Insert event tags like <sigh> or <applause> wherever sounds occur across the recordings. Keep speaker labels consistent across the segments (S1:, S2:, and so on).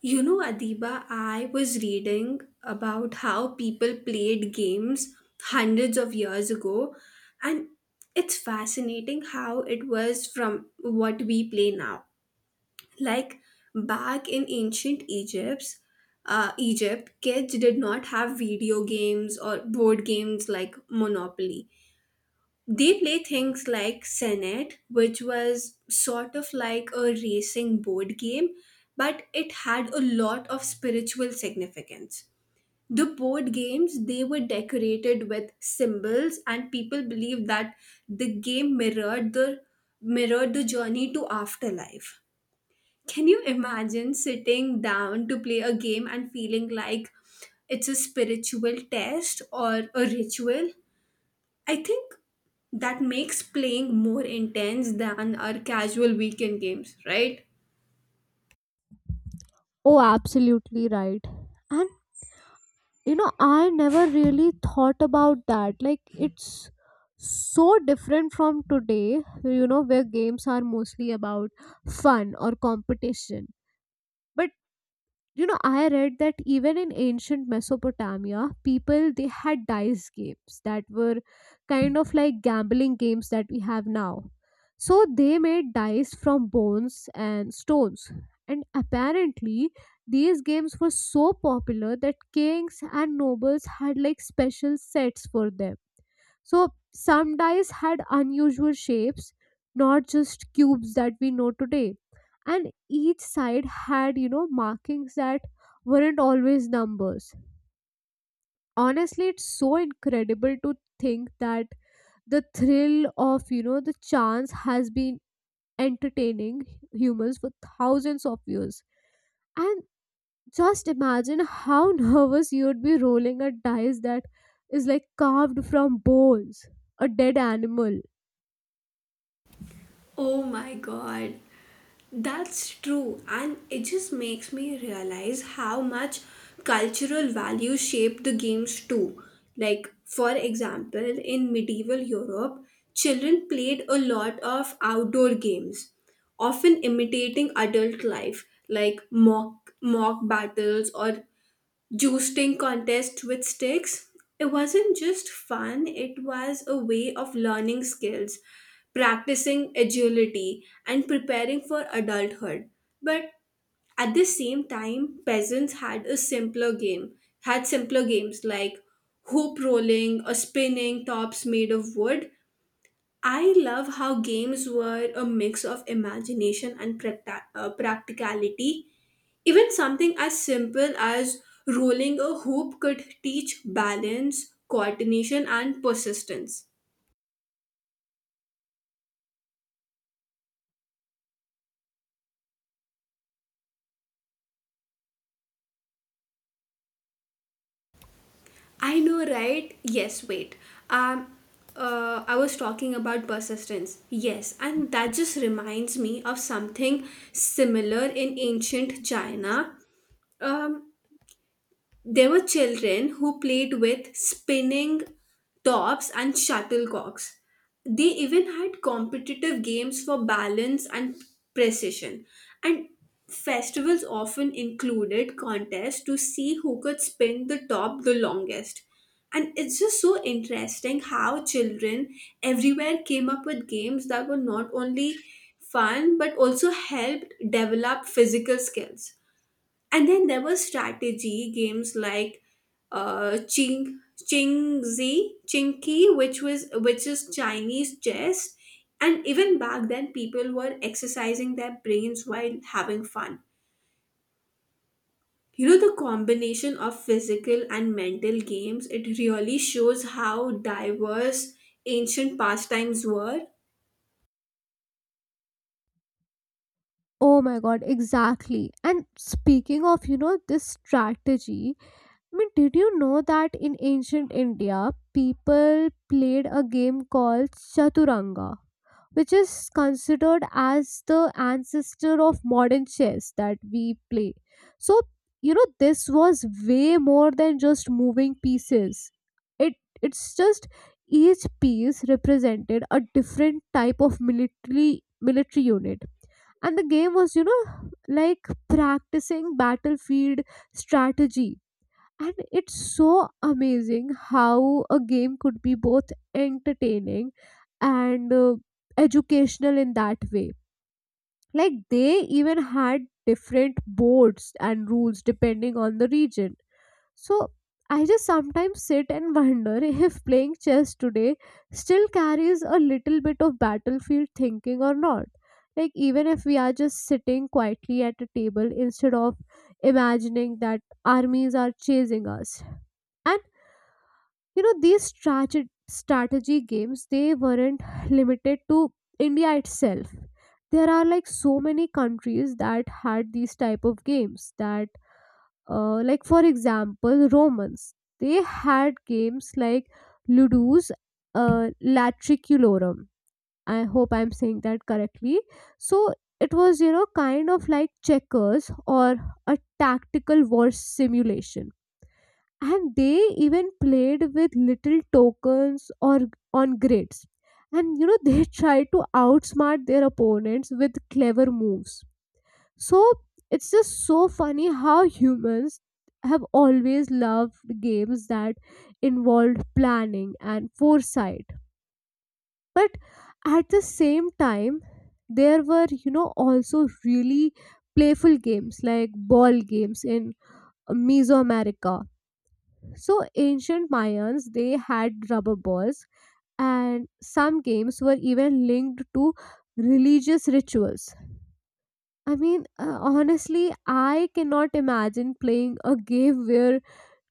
S1: You know, Adiba, I was reading about how people played games hundreds of years ago, and it's fascinating how it was from what we play now. Like back in ancient Egypt, kids did not have video games or board games like Monopoly. They play things like Senet, which was sort of like a racing board game, but it had a lot of spiritual significance. The board games, they were decorated with symbols, and people believed that the game mirrored the journey to afterlife. Can you imagine sitting down to play a game and feeling like it's a spiritual test or a ritual? I think that makes playing more intense than our casual weekend games, right?
S2: Oh, absolutely right. And I never really thought about that. Like, it's so different from today, you know, where games are mostly about fun or competition. But you know, I read that even in ancient Mesopotamia, people they had dice games that were kind of like gambling games that we have now. So they made dice from bones and stones, and apparently these games were so popular that kings and nobles had like special sets for them. So some dice had unusual shapes, not just cubes that we know today. And each side had, you know, markings that weren't always numbers. Honestly, it's so incredible to think that the thrill of, the chance has been entertaining humans for thousands of years. And just imagine how <laughs> nervous you'd be rolling a dice that is like carved from bones, a dead animal.
S1: Oh my god, that's true, and it just makes me realize how much cultural value shaped the games too. Like, for example, in medieval Europe, children played a lot of outdoor games, often imitating adult life, like mock battles or Juicing contest with sticks. It wasn't just fun, it was a way of learning skills, practicing agility, and preparing for adulthood. But at the same time, peasants had simpler games like hoop rolling or spinning tops made of wood. I love how games were a mix of imagination and practicality. Even something as simple as rolling a hoop could teach balance, coordination, and persistence. I know, right? Yes, wait. Um, I was talking about persistence. Yes, and that just reminds me of something similar in ancient China. Um, There were children who played with spinning tops and shuttlecocks. They even had competitive games for balance and precision. And festivals often included contests to see who could spin the top the longest. And it's just so interesting how children everywhere came up with games that were not only fun but also helped develop physical skills, and then there were strategy games like ching chingzi chinky, which is Chinese chess. And even back then people were exercising their brains while having fun. You know, the combination of physical and mental games, it really shows how diverse ancient pastimes were.
S2: Oh my god, exactly. And speaking of, this strategy, I mean, did you know that in ancient India, people played a game called Chaturanga, which is considered as the ancestor of modern chess that we play. So, you know, this was way more than just moving pieces. It it's just each piece represented a different type of military unit, and the game was, you know, like practicing battlefield strategy. And it's so amazing how a game could be both entertaining and educational in that way. Like, they even had different boards and rules depending on the region. So I just sometimes sit and <laughs> wonder if playing chess today still carries a little bit of battlefield thinking or not. Like, even if we are just sitting quietly at a table instead of imagining that armies are chasing us. And you know, these strategy games they weren't limited to India itself. There are like so many countries that had these type of games that like, for example, Romans they had games like Ludus Latriculorum. I hope I'm saying that correctly. So it was, you know, kind of like checkers or a tactical war simulation, and they even played with little tokens or on grids, and you know they <laughs> tried to outsmart their opponents with clever moves. So it's just so funny how humans have always loved games that involved planning and foresight. But at the same time, there were, you know, also really playful games like ball games in Mesoamerica. So ancient Mayans, they had rubber balls, and some games were even linked to religious rituals. I mean, honestly, I cannot imagine playing a game where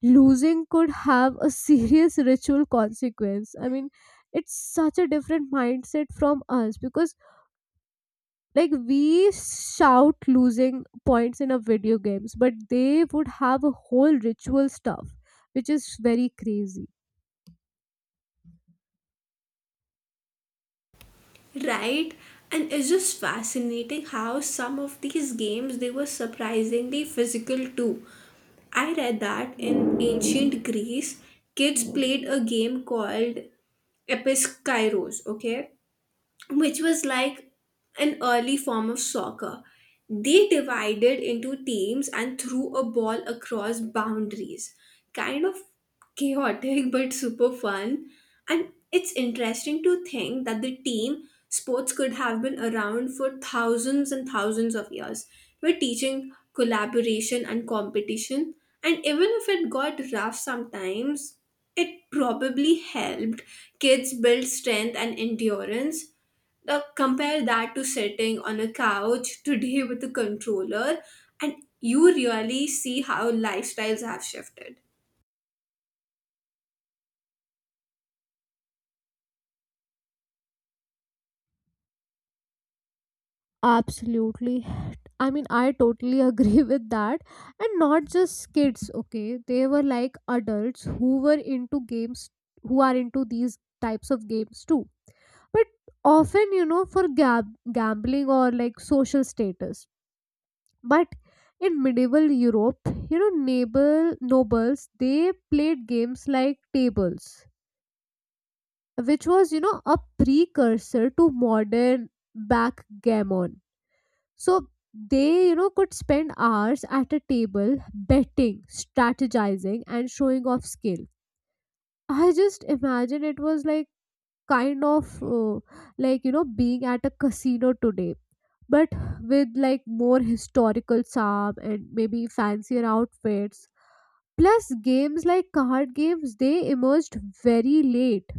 S2: losing could have a serious <laughs> ritual consequence. I mean, it's such a different mindset from us because, like, we shout losing points in our video games, but they would have a whole ritual stuff, which is very crazy.
S1: Right, and it's just fascinating how some of these games they were surprisingly physical too. I read that in ancient Greece, kids played a game called Episkairos, okay? Which was like an early form of soccer. They divided into teams and threw a ball across boundaries. Kind of chaotic <laughs> but super fun. And it's interesting to think that the team sports could have been around for thousands and thousands of years. We're teaching collaboration and competition. And even if it got rough sometimes, it probably helped kids build strength and endurance. Now compare that to sitting on a couch today with a controller, and you really see how lifestyles have shifted.
S2: Absolutely. I mean, I totally agree <laughs> with that. And not just kids, okay? They were like adults who were into games, who are into these types of games too. But often, you know, for gambling or like social status. But in medieval Europe, you know, nobles they played games like tables, which was, you know, a precursor to modern backgammon. So they, you know, could spend hours at a table betting, strategizing, and showing off skill. I just imagine it was like kind of like, you know, being at a casino today, but with like more historical charm and maybe fancier outfits. Plus, games like card games, they emerged very late,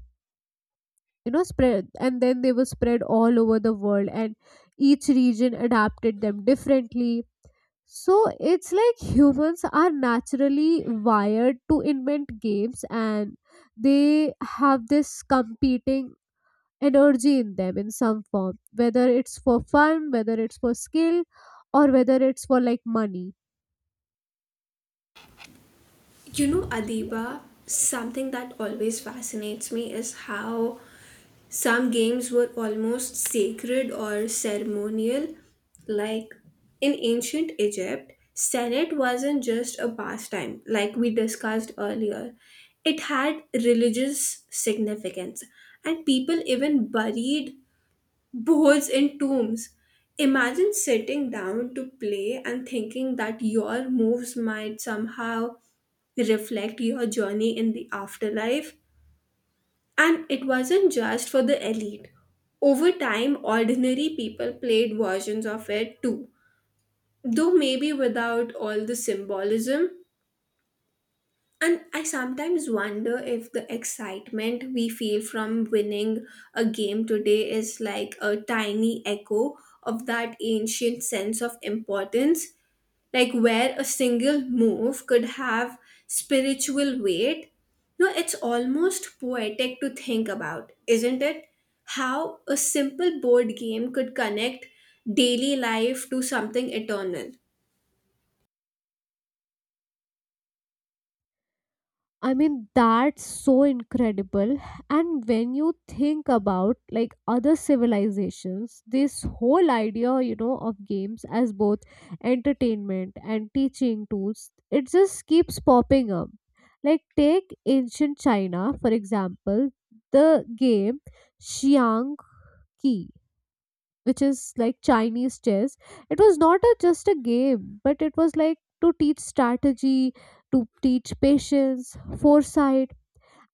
S2: you know, spread, and then they were spread all over the world, and each region adapted them differently. So it's like humans are naturally wired to invent games, and they have this competing energy in them in some form, whether it's for fun, whether it's for skill, or whether it's for like money.
S1: You know, Adiba, something that always fascinates me is how some games were almost sacred or ceremonial. Like in ancient Egypt, Senate wasn't just a pastime, like we discussed earlier, it had religious significance, and people even buried bowls and tombs. Imagine sitting down to play and thinking that your moves might somehow reflect your journey in the afterlife. And it wasn't just for the elite. Over time, ordinary people played versions of it too, though maybe without all the symbolism. And I sometimes wonder if the excitement we feel from winning a game today is like a tiny echo of that ancient sense of importance, like where a single move could have spiritual weight. No, it's almost poetic to think about, isn't it? How a simple board game could connect daily life to something eternal.
S2: I mean, that's so incredible. And when you think about like other civilizations, this whole idea, you know, of games as both entertainment and teaching tools, it just keeps popping up. Like, take ancient China, for example, the game Xiang Qi, which is like Chinese chess. It was not a, just a game, but it was like to teach strategy, to teach patience, foresight.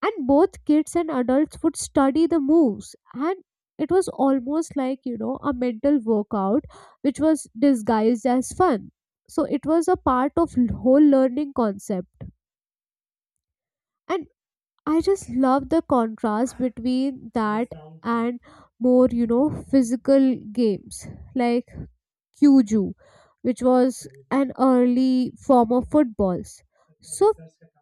S2: And both kids and adults would study the moves, and it was almost like, you know, a mental workout which was disguised as fun. So it was a part of whole learning concept. And I just love the contrast between that and more, you know, physical games like Kyuju, which was an early form of footballs. So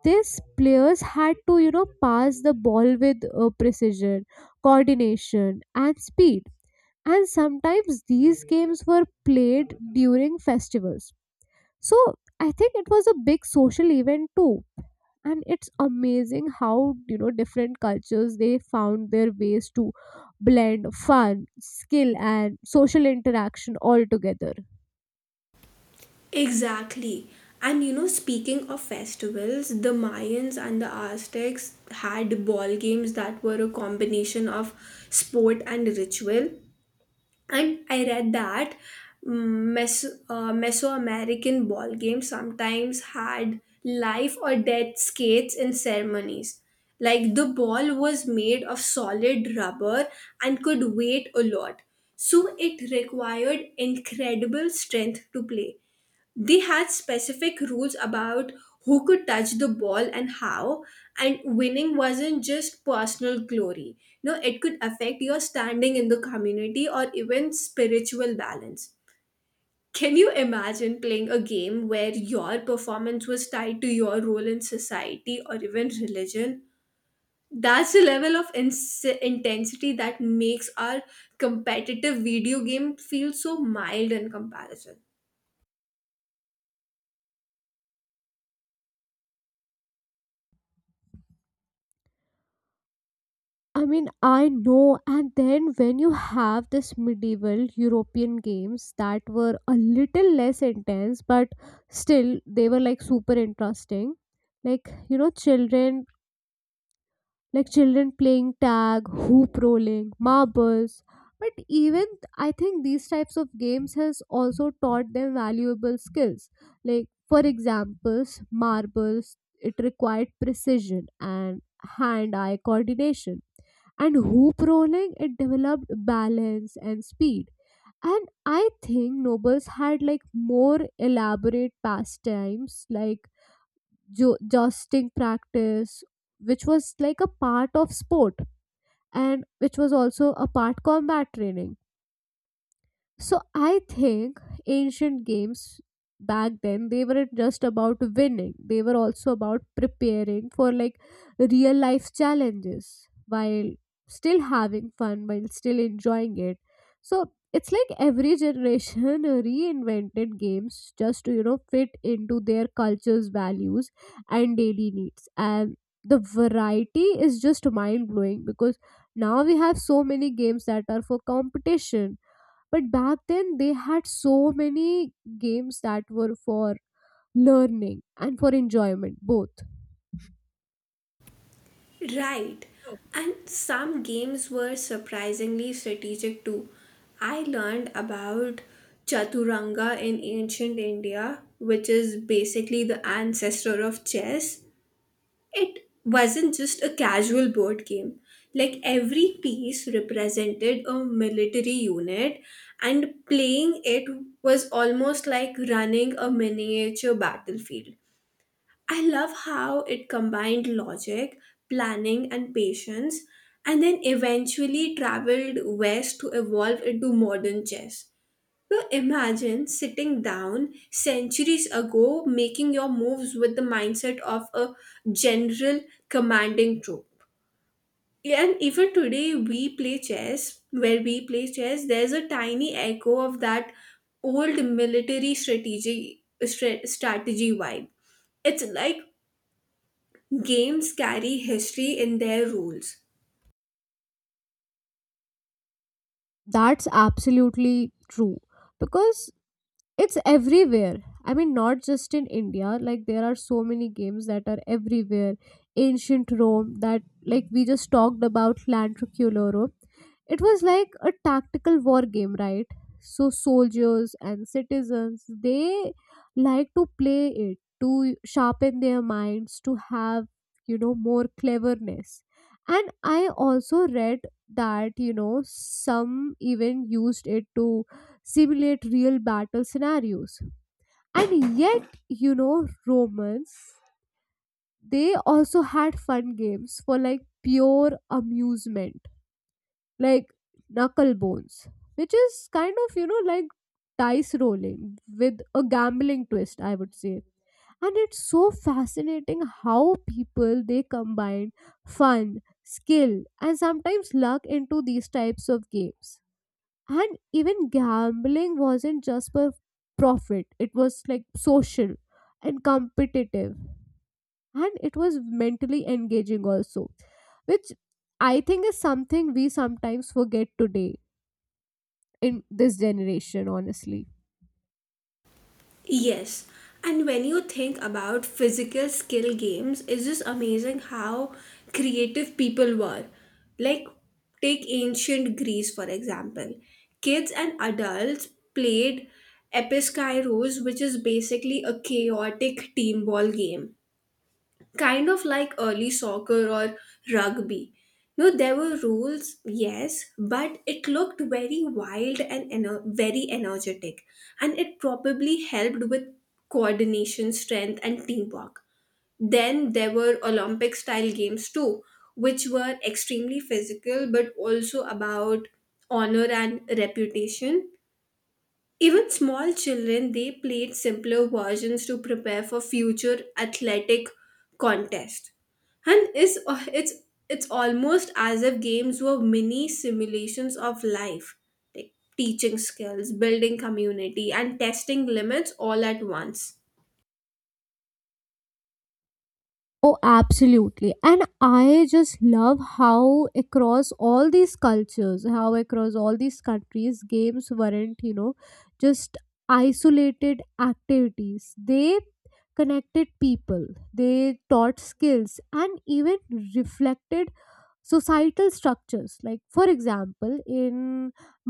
S2: these players had to, you know, pass the ball with precision, coordination, and speed. And sometimes these games were played during festivals. So I think it was a big social event too. And it's amazing how, you know, different cultures they found their ways to blend fun, skill, and social interaction all together.
S1: Exactly. And you know, speaking of festivals, the Mayans and the Aztecs had ball games that were a combination of sport and ritual. And I read that Mesoamerican ball games sometimes had life or death skates in ceremonies. Like the ball was made of solid rubber and could weight a lot. So it required incredible strength to play. They had specific rules about who could touch the ball and how, and winning wasn't just personal glory. No, it could affect your standing in the community or even spiritual balance. Can you imagine playing a game where your performance was tied to your role in society or even religion? That's the level of intensity that makes our competitive video game feel so mild in comparison.
S2: I mean, I know. And then when you have this medieval European games that were a little less intense, but still they were like super interesting. Like, you know, children playing tag, hoop rolling, marbles. But even I think these types of games has also taught them valuable skills. Like, for examples, marbles, it required precision and hand-eye coordination. And hoop rolling, it developed balance and speed. And I think nobles had like more elaborate pastimes like jousting practice, which was like a part of sport, and which was also a part combat training. So I think ancient games back then they weren't just about winning. They were also about preparing for like real life challenges while still having fun, while still enjoying it. So it's like every generation <laughs> reinvented games just to, you know, fit into their culture's values and daily needs. And the variety is just mind blowing, because now we have so many games that are for competition, but back then, they had so many games that were for learning and for enjoyment, both.
S1: Right. And some games were surprisingly strategic too. I learned about Chaturanga in ancient India, which is basically the ancestor of chess. It wasn't just a casual board game. Like every piece represented a military unit, and playing it was almost like running a miniature battlefield. I love how it combined logic, planning, and patience, and then eventually traveled west to evolve into modern chess. So imagine sitting down centuries ago, making your moves with the mindset of a general commanding troop. And even today, where we play chess, there's a tiny echo of that old military strategy vibe. It's like games carry history in their rules.
S2: That's absolutely true. Because it's everywhere. I mean, not just in India, like there are so many games that are everywhere. Ancient Rome, that, like we just talked about, Lantriculorum, it was like a tactical war game, right? So soldiers and citizens they like to play it to sharpen their minds, to have, you know, more cleverness. And I also read that, you know, some even used it to simulate real battle scenarios. And yet, you know, Romans, they also had fun games for like pure amusement, like knuckle bones, which is kind of, you know, like dice rolling with a gambling twist, I would say. And it's so fascinating how people they combine fun, skill, and sometimes luck into these types of games. And even gambling wasn't just for profit, it was like social and competitive, and it was mentally engaging also, which I think is something we sometimes forget today in this generation, honestly.
S1: Yes, and when you think about physical skill games, it's just amazing how creative people were. Like, take ancient Greece for example. Kids and adults played Episkairos, which is basically a chaotic team ball game, kind of like early soccer or rugby. You know, there were rules, yes, but it looked very wild and very energetic, and it probably helped with coordination, strength, and teamwork. Then there were Olympic style games too, which were extremely physical but also about honor and reputation. Even small children, they played simpler versions to prepare for future athletic contests. And it's, it's almost as if games were mini simulations of life, like teaching skills, building community, and testing limits all at once.
S2: Oh, absolutely. And I just love how across all these cultures, how across all these countries, games weren't, you know, just isolated activities. They connected people, they taught skills, and even reflected societal structures. Like, for example, in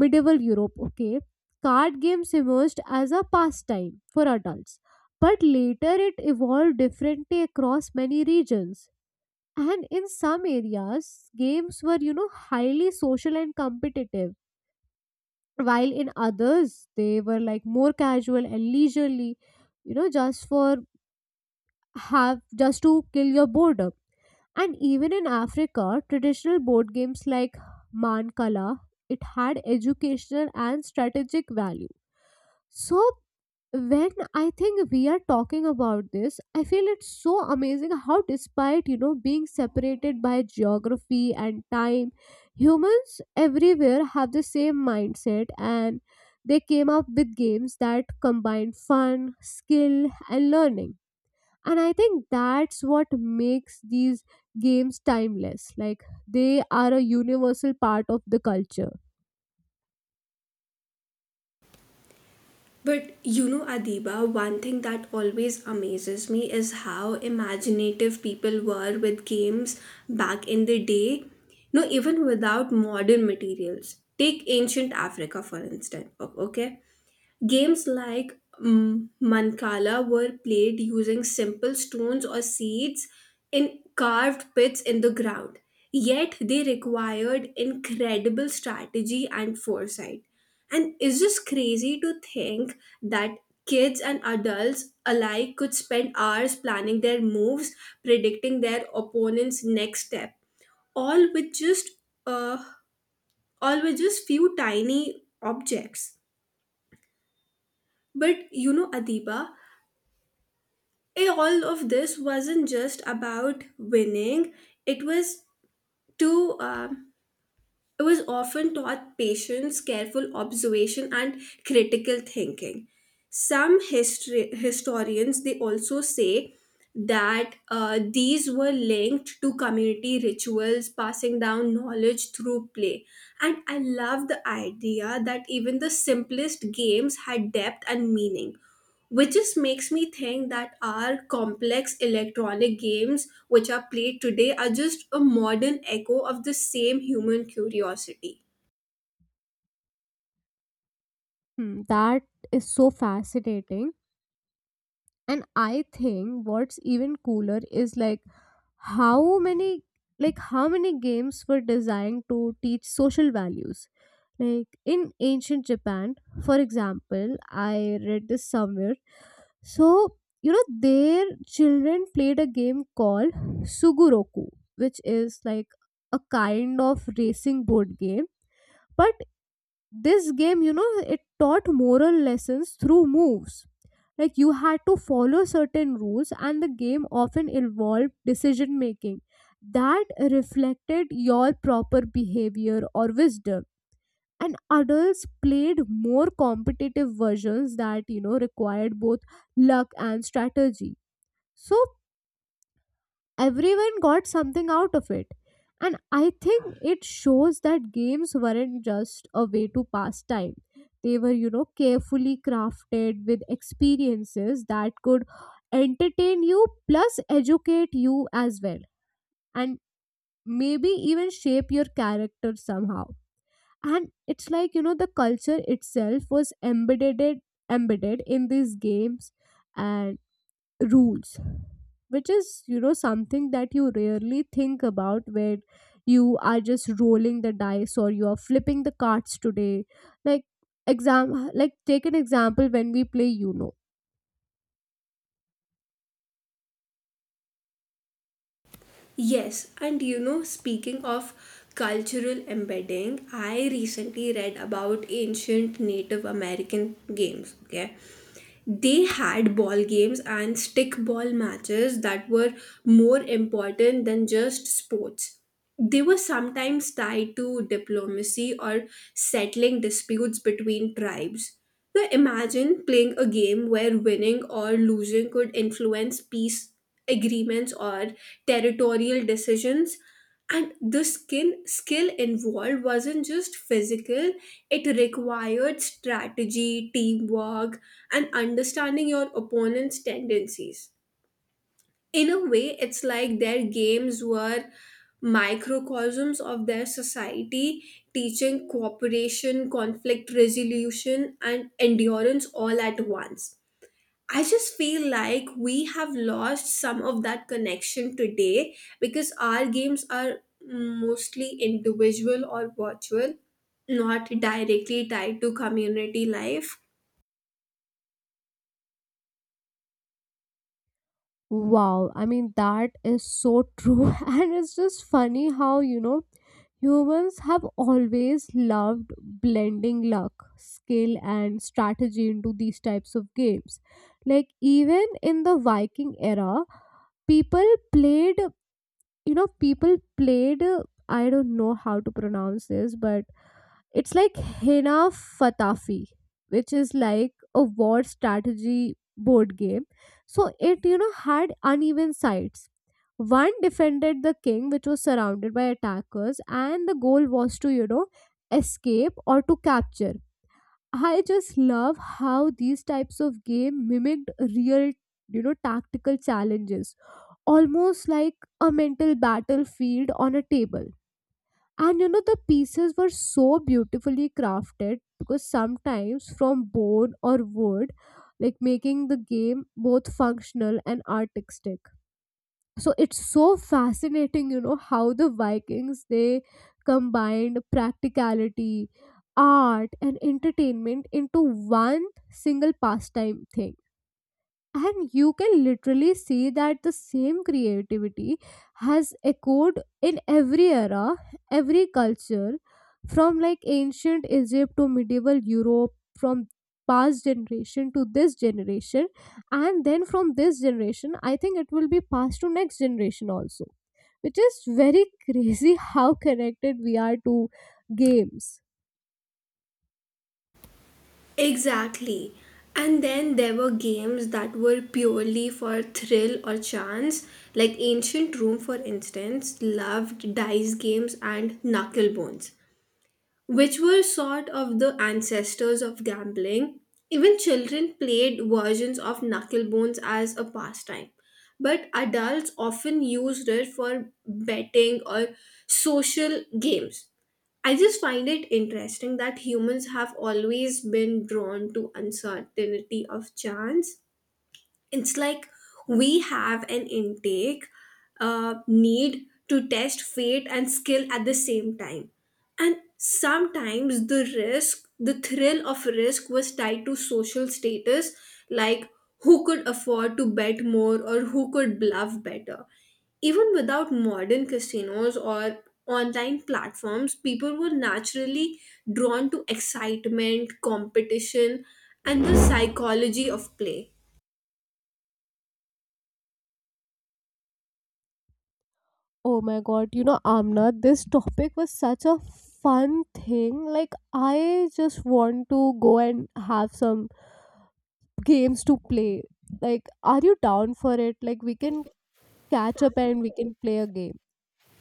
S2: medieval Europe, okay, card games emerged as a pastime for adults, but later it evolved differently across many regions. And in some areas games were, you know, highly social and competitive, while in others they were like more casual and leisurely, you know, just for have just to kill your boredom. And even in Africa, traditional board games like Mancala, it had educational and strategic value. So when I think we are talking about this, I feel it's so amazing how despite, you know, being separated by geography and time, humans everywhere have the same mindset, and they came up with games that combine fun, skill and learning. And I think that's what makes these games timeless, like they are a universal part of the culture.
S1: But you know, Adiba, one thing that always amazes me is how imaginative people were with games back in the day, no, even without modern materials. Take ancient Africa, for instance, okay? Games like Mancala were played using simple stones or seeds in carved pits in the ground. Yet they required incredible strategy and foresight. And it's just crazy to think that kids and adults alike could spend hours planning their moves, predicting their opponent's next step, all with just uh, all with just few tiny objects. But you know, Adiba, all of this wasn't just about winning. it was to um, it was often taught patience, careful observation, and critical thinking. Some history historians, they also say that these were linked to community rituals, passing down knowledge through play. And I love the idea that even the simplest games had depth and meaning, which just makes me think that our complex electronic games which are played today are just a modern echo of the same human curiosity.
S2: Hmm, that is so fascinating. And I think what's even cooler is like how many how many games were designed to teach social values. Like, in ancient Japan, for example, I read this somewhere. So, you know, their children played a game called Suguroku, which is like a kind of racing board game. But this game, you know, it taught moral lessons through moves. Like, you had to follow certain rules, and the game often involved decision making that reflected your proper behavior or wisdom. And adults played more competitive versions that, you know, required both luck and strategy. So everyone got something out of it. And I think it shows that games weren't just a way to pass time. They were, you know, carefully crafted with experiences that could entertain you plus educate you as well. And maybe even shape your character somehow. And it's like, you know, the culture itself was embedded in these games and rules, which is, you know, something that you rarely think about where you are just rolling the dice or you are flipping the cards today. Like, exam like take an example when we play, you know.
S1: Yes, and you know, speaking of cultural embedding, I recently read about ancient Native American games. Okay, they had ball games and stick ball matches that were more important than just sports. They were sometimes tied to diplomacy or settling disputes between tribes. Now imagine playing a game where winning or losing could influence peace agreements or territorial decisions. And the skill involved wasn't just physical, it required strategy, teamwork, and understanding your opponent's tendencies. In a way, it's like their games were microcosms of their society, teaching cooperation, conflict resolution, and endurance all at once. I just feel like we have lost some of that connection today because our games are mostly individual or virtual, not directly tied to community life.
S2: Wow, I mean, that is so true. <laughs> And it's just funny how, you know, humans have always loved blending luck, skill and strategy into these types of games. Like, even in the Viking era, people played people played I don't know how to pronounce this, but it's like Hina Fatafi, which is like a war strategy board game. So it, you know, had uneven sides. One defended the king, which was surrounded by attackers, and the goal was to, you know, escape or to capture. I just love how these types of game mimicked real, you know, tactical challenges, almost like a mental battlefield on a table. And you know, the pieces were so beautifully crafted because sometimes from bone or wood, like making the game both functional and artistic. So it's so fascinating, you know, how the Vikings they combined practicality, art, and entertainment into one single pastime thing. And you can literally see that the same creativity has echoed in every era, every culture, from like ancient Egypt to medieval Europe, from past generation to this generation. And then from this generation I think it will be passed to next generation also, which is very <laughs> crazy how connected we are to games.
S1: Exactly. And then there were games that were purely for thrill or chance, like Ancient Rome, for instance, loved dice games and knuckle bones, which were sort of the ancestors of gambling. Even children played versions of knuckle bones as a pastime, but adults often used it for betting or social games. I just find it interesting that humans have always been drawn to uncertainty of chance. It's like we have an intake need to test fate and skill at the same time. And sometimes the thrill of risk was tied to social status, like who could afford to bet more or who could bluff better. Even without modern casinos or online platforms, people were naturally drawn to excitement, competition, and the psychology of play.
S2: Oh my god, you know, Amna, this topic was such a fun thing. Like, I just want to go and have some games to play. Like, are you down for it? Like, we can catch up and we can play a game.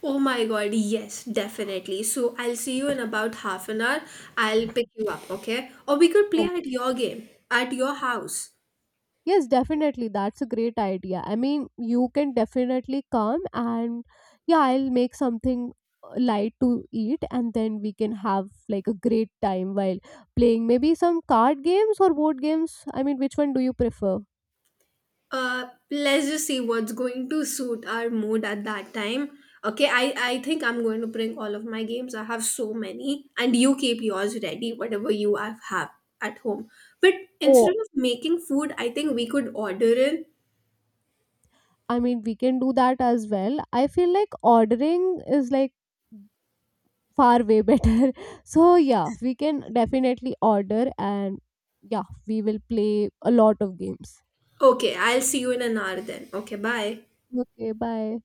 S1: Oh my god, yes, definitely. So I'll see you in about half an hour. I'll pick you up, okay? Or we could play
S2: Oh,
S1: at your game, at your house.
S2: yes, definitely. That's a great idea. I mean, you can definitely come and yeah, I'll make something light to eat, and then we can have like a great time while playing maybe some card games or board games. I mean, which one do you prefer?
S1: Let's just see what's going to suit our mood at that time. Okay, I think I'm going to bring all of my games. I have so many, and you keep yours ready, whatever you have at home. But
S2: Oh,
S1: instead of making food, I think we could order in.
S2: I mean, we can do that as well. I feel like ordering is like far way better. <laughs> So, yeah, we can definitely order and yeah, we will play a lot of games.
S1: Okay, I'll see you in an hour then. Okay, bye.
S2: Okay, bye.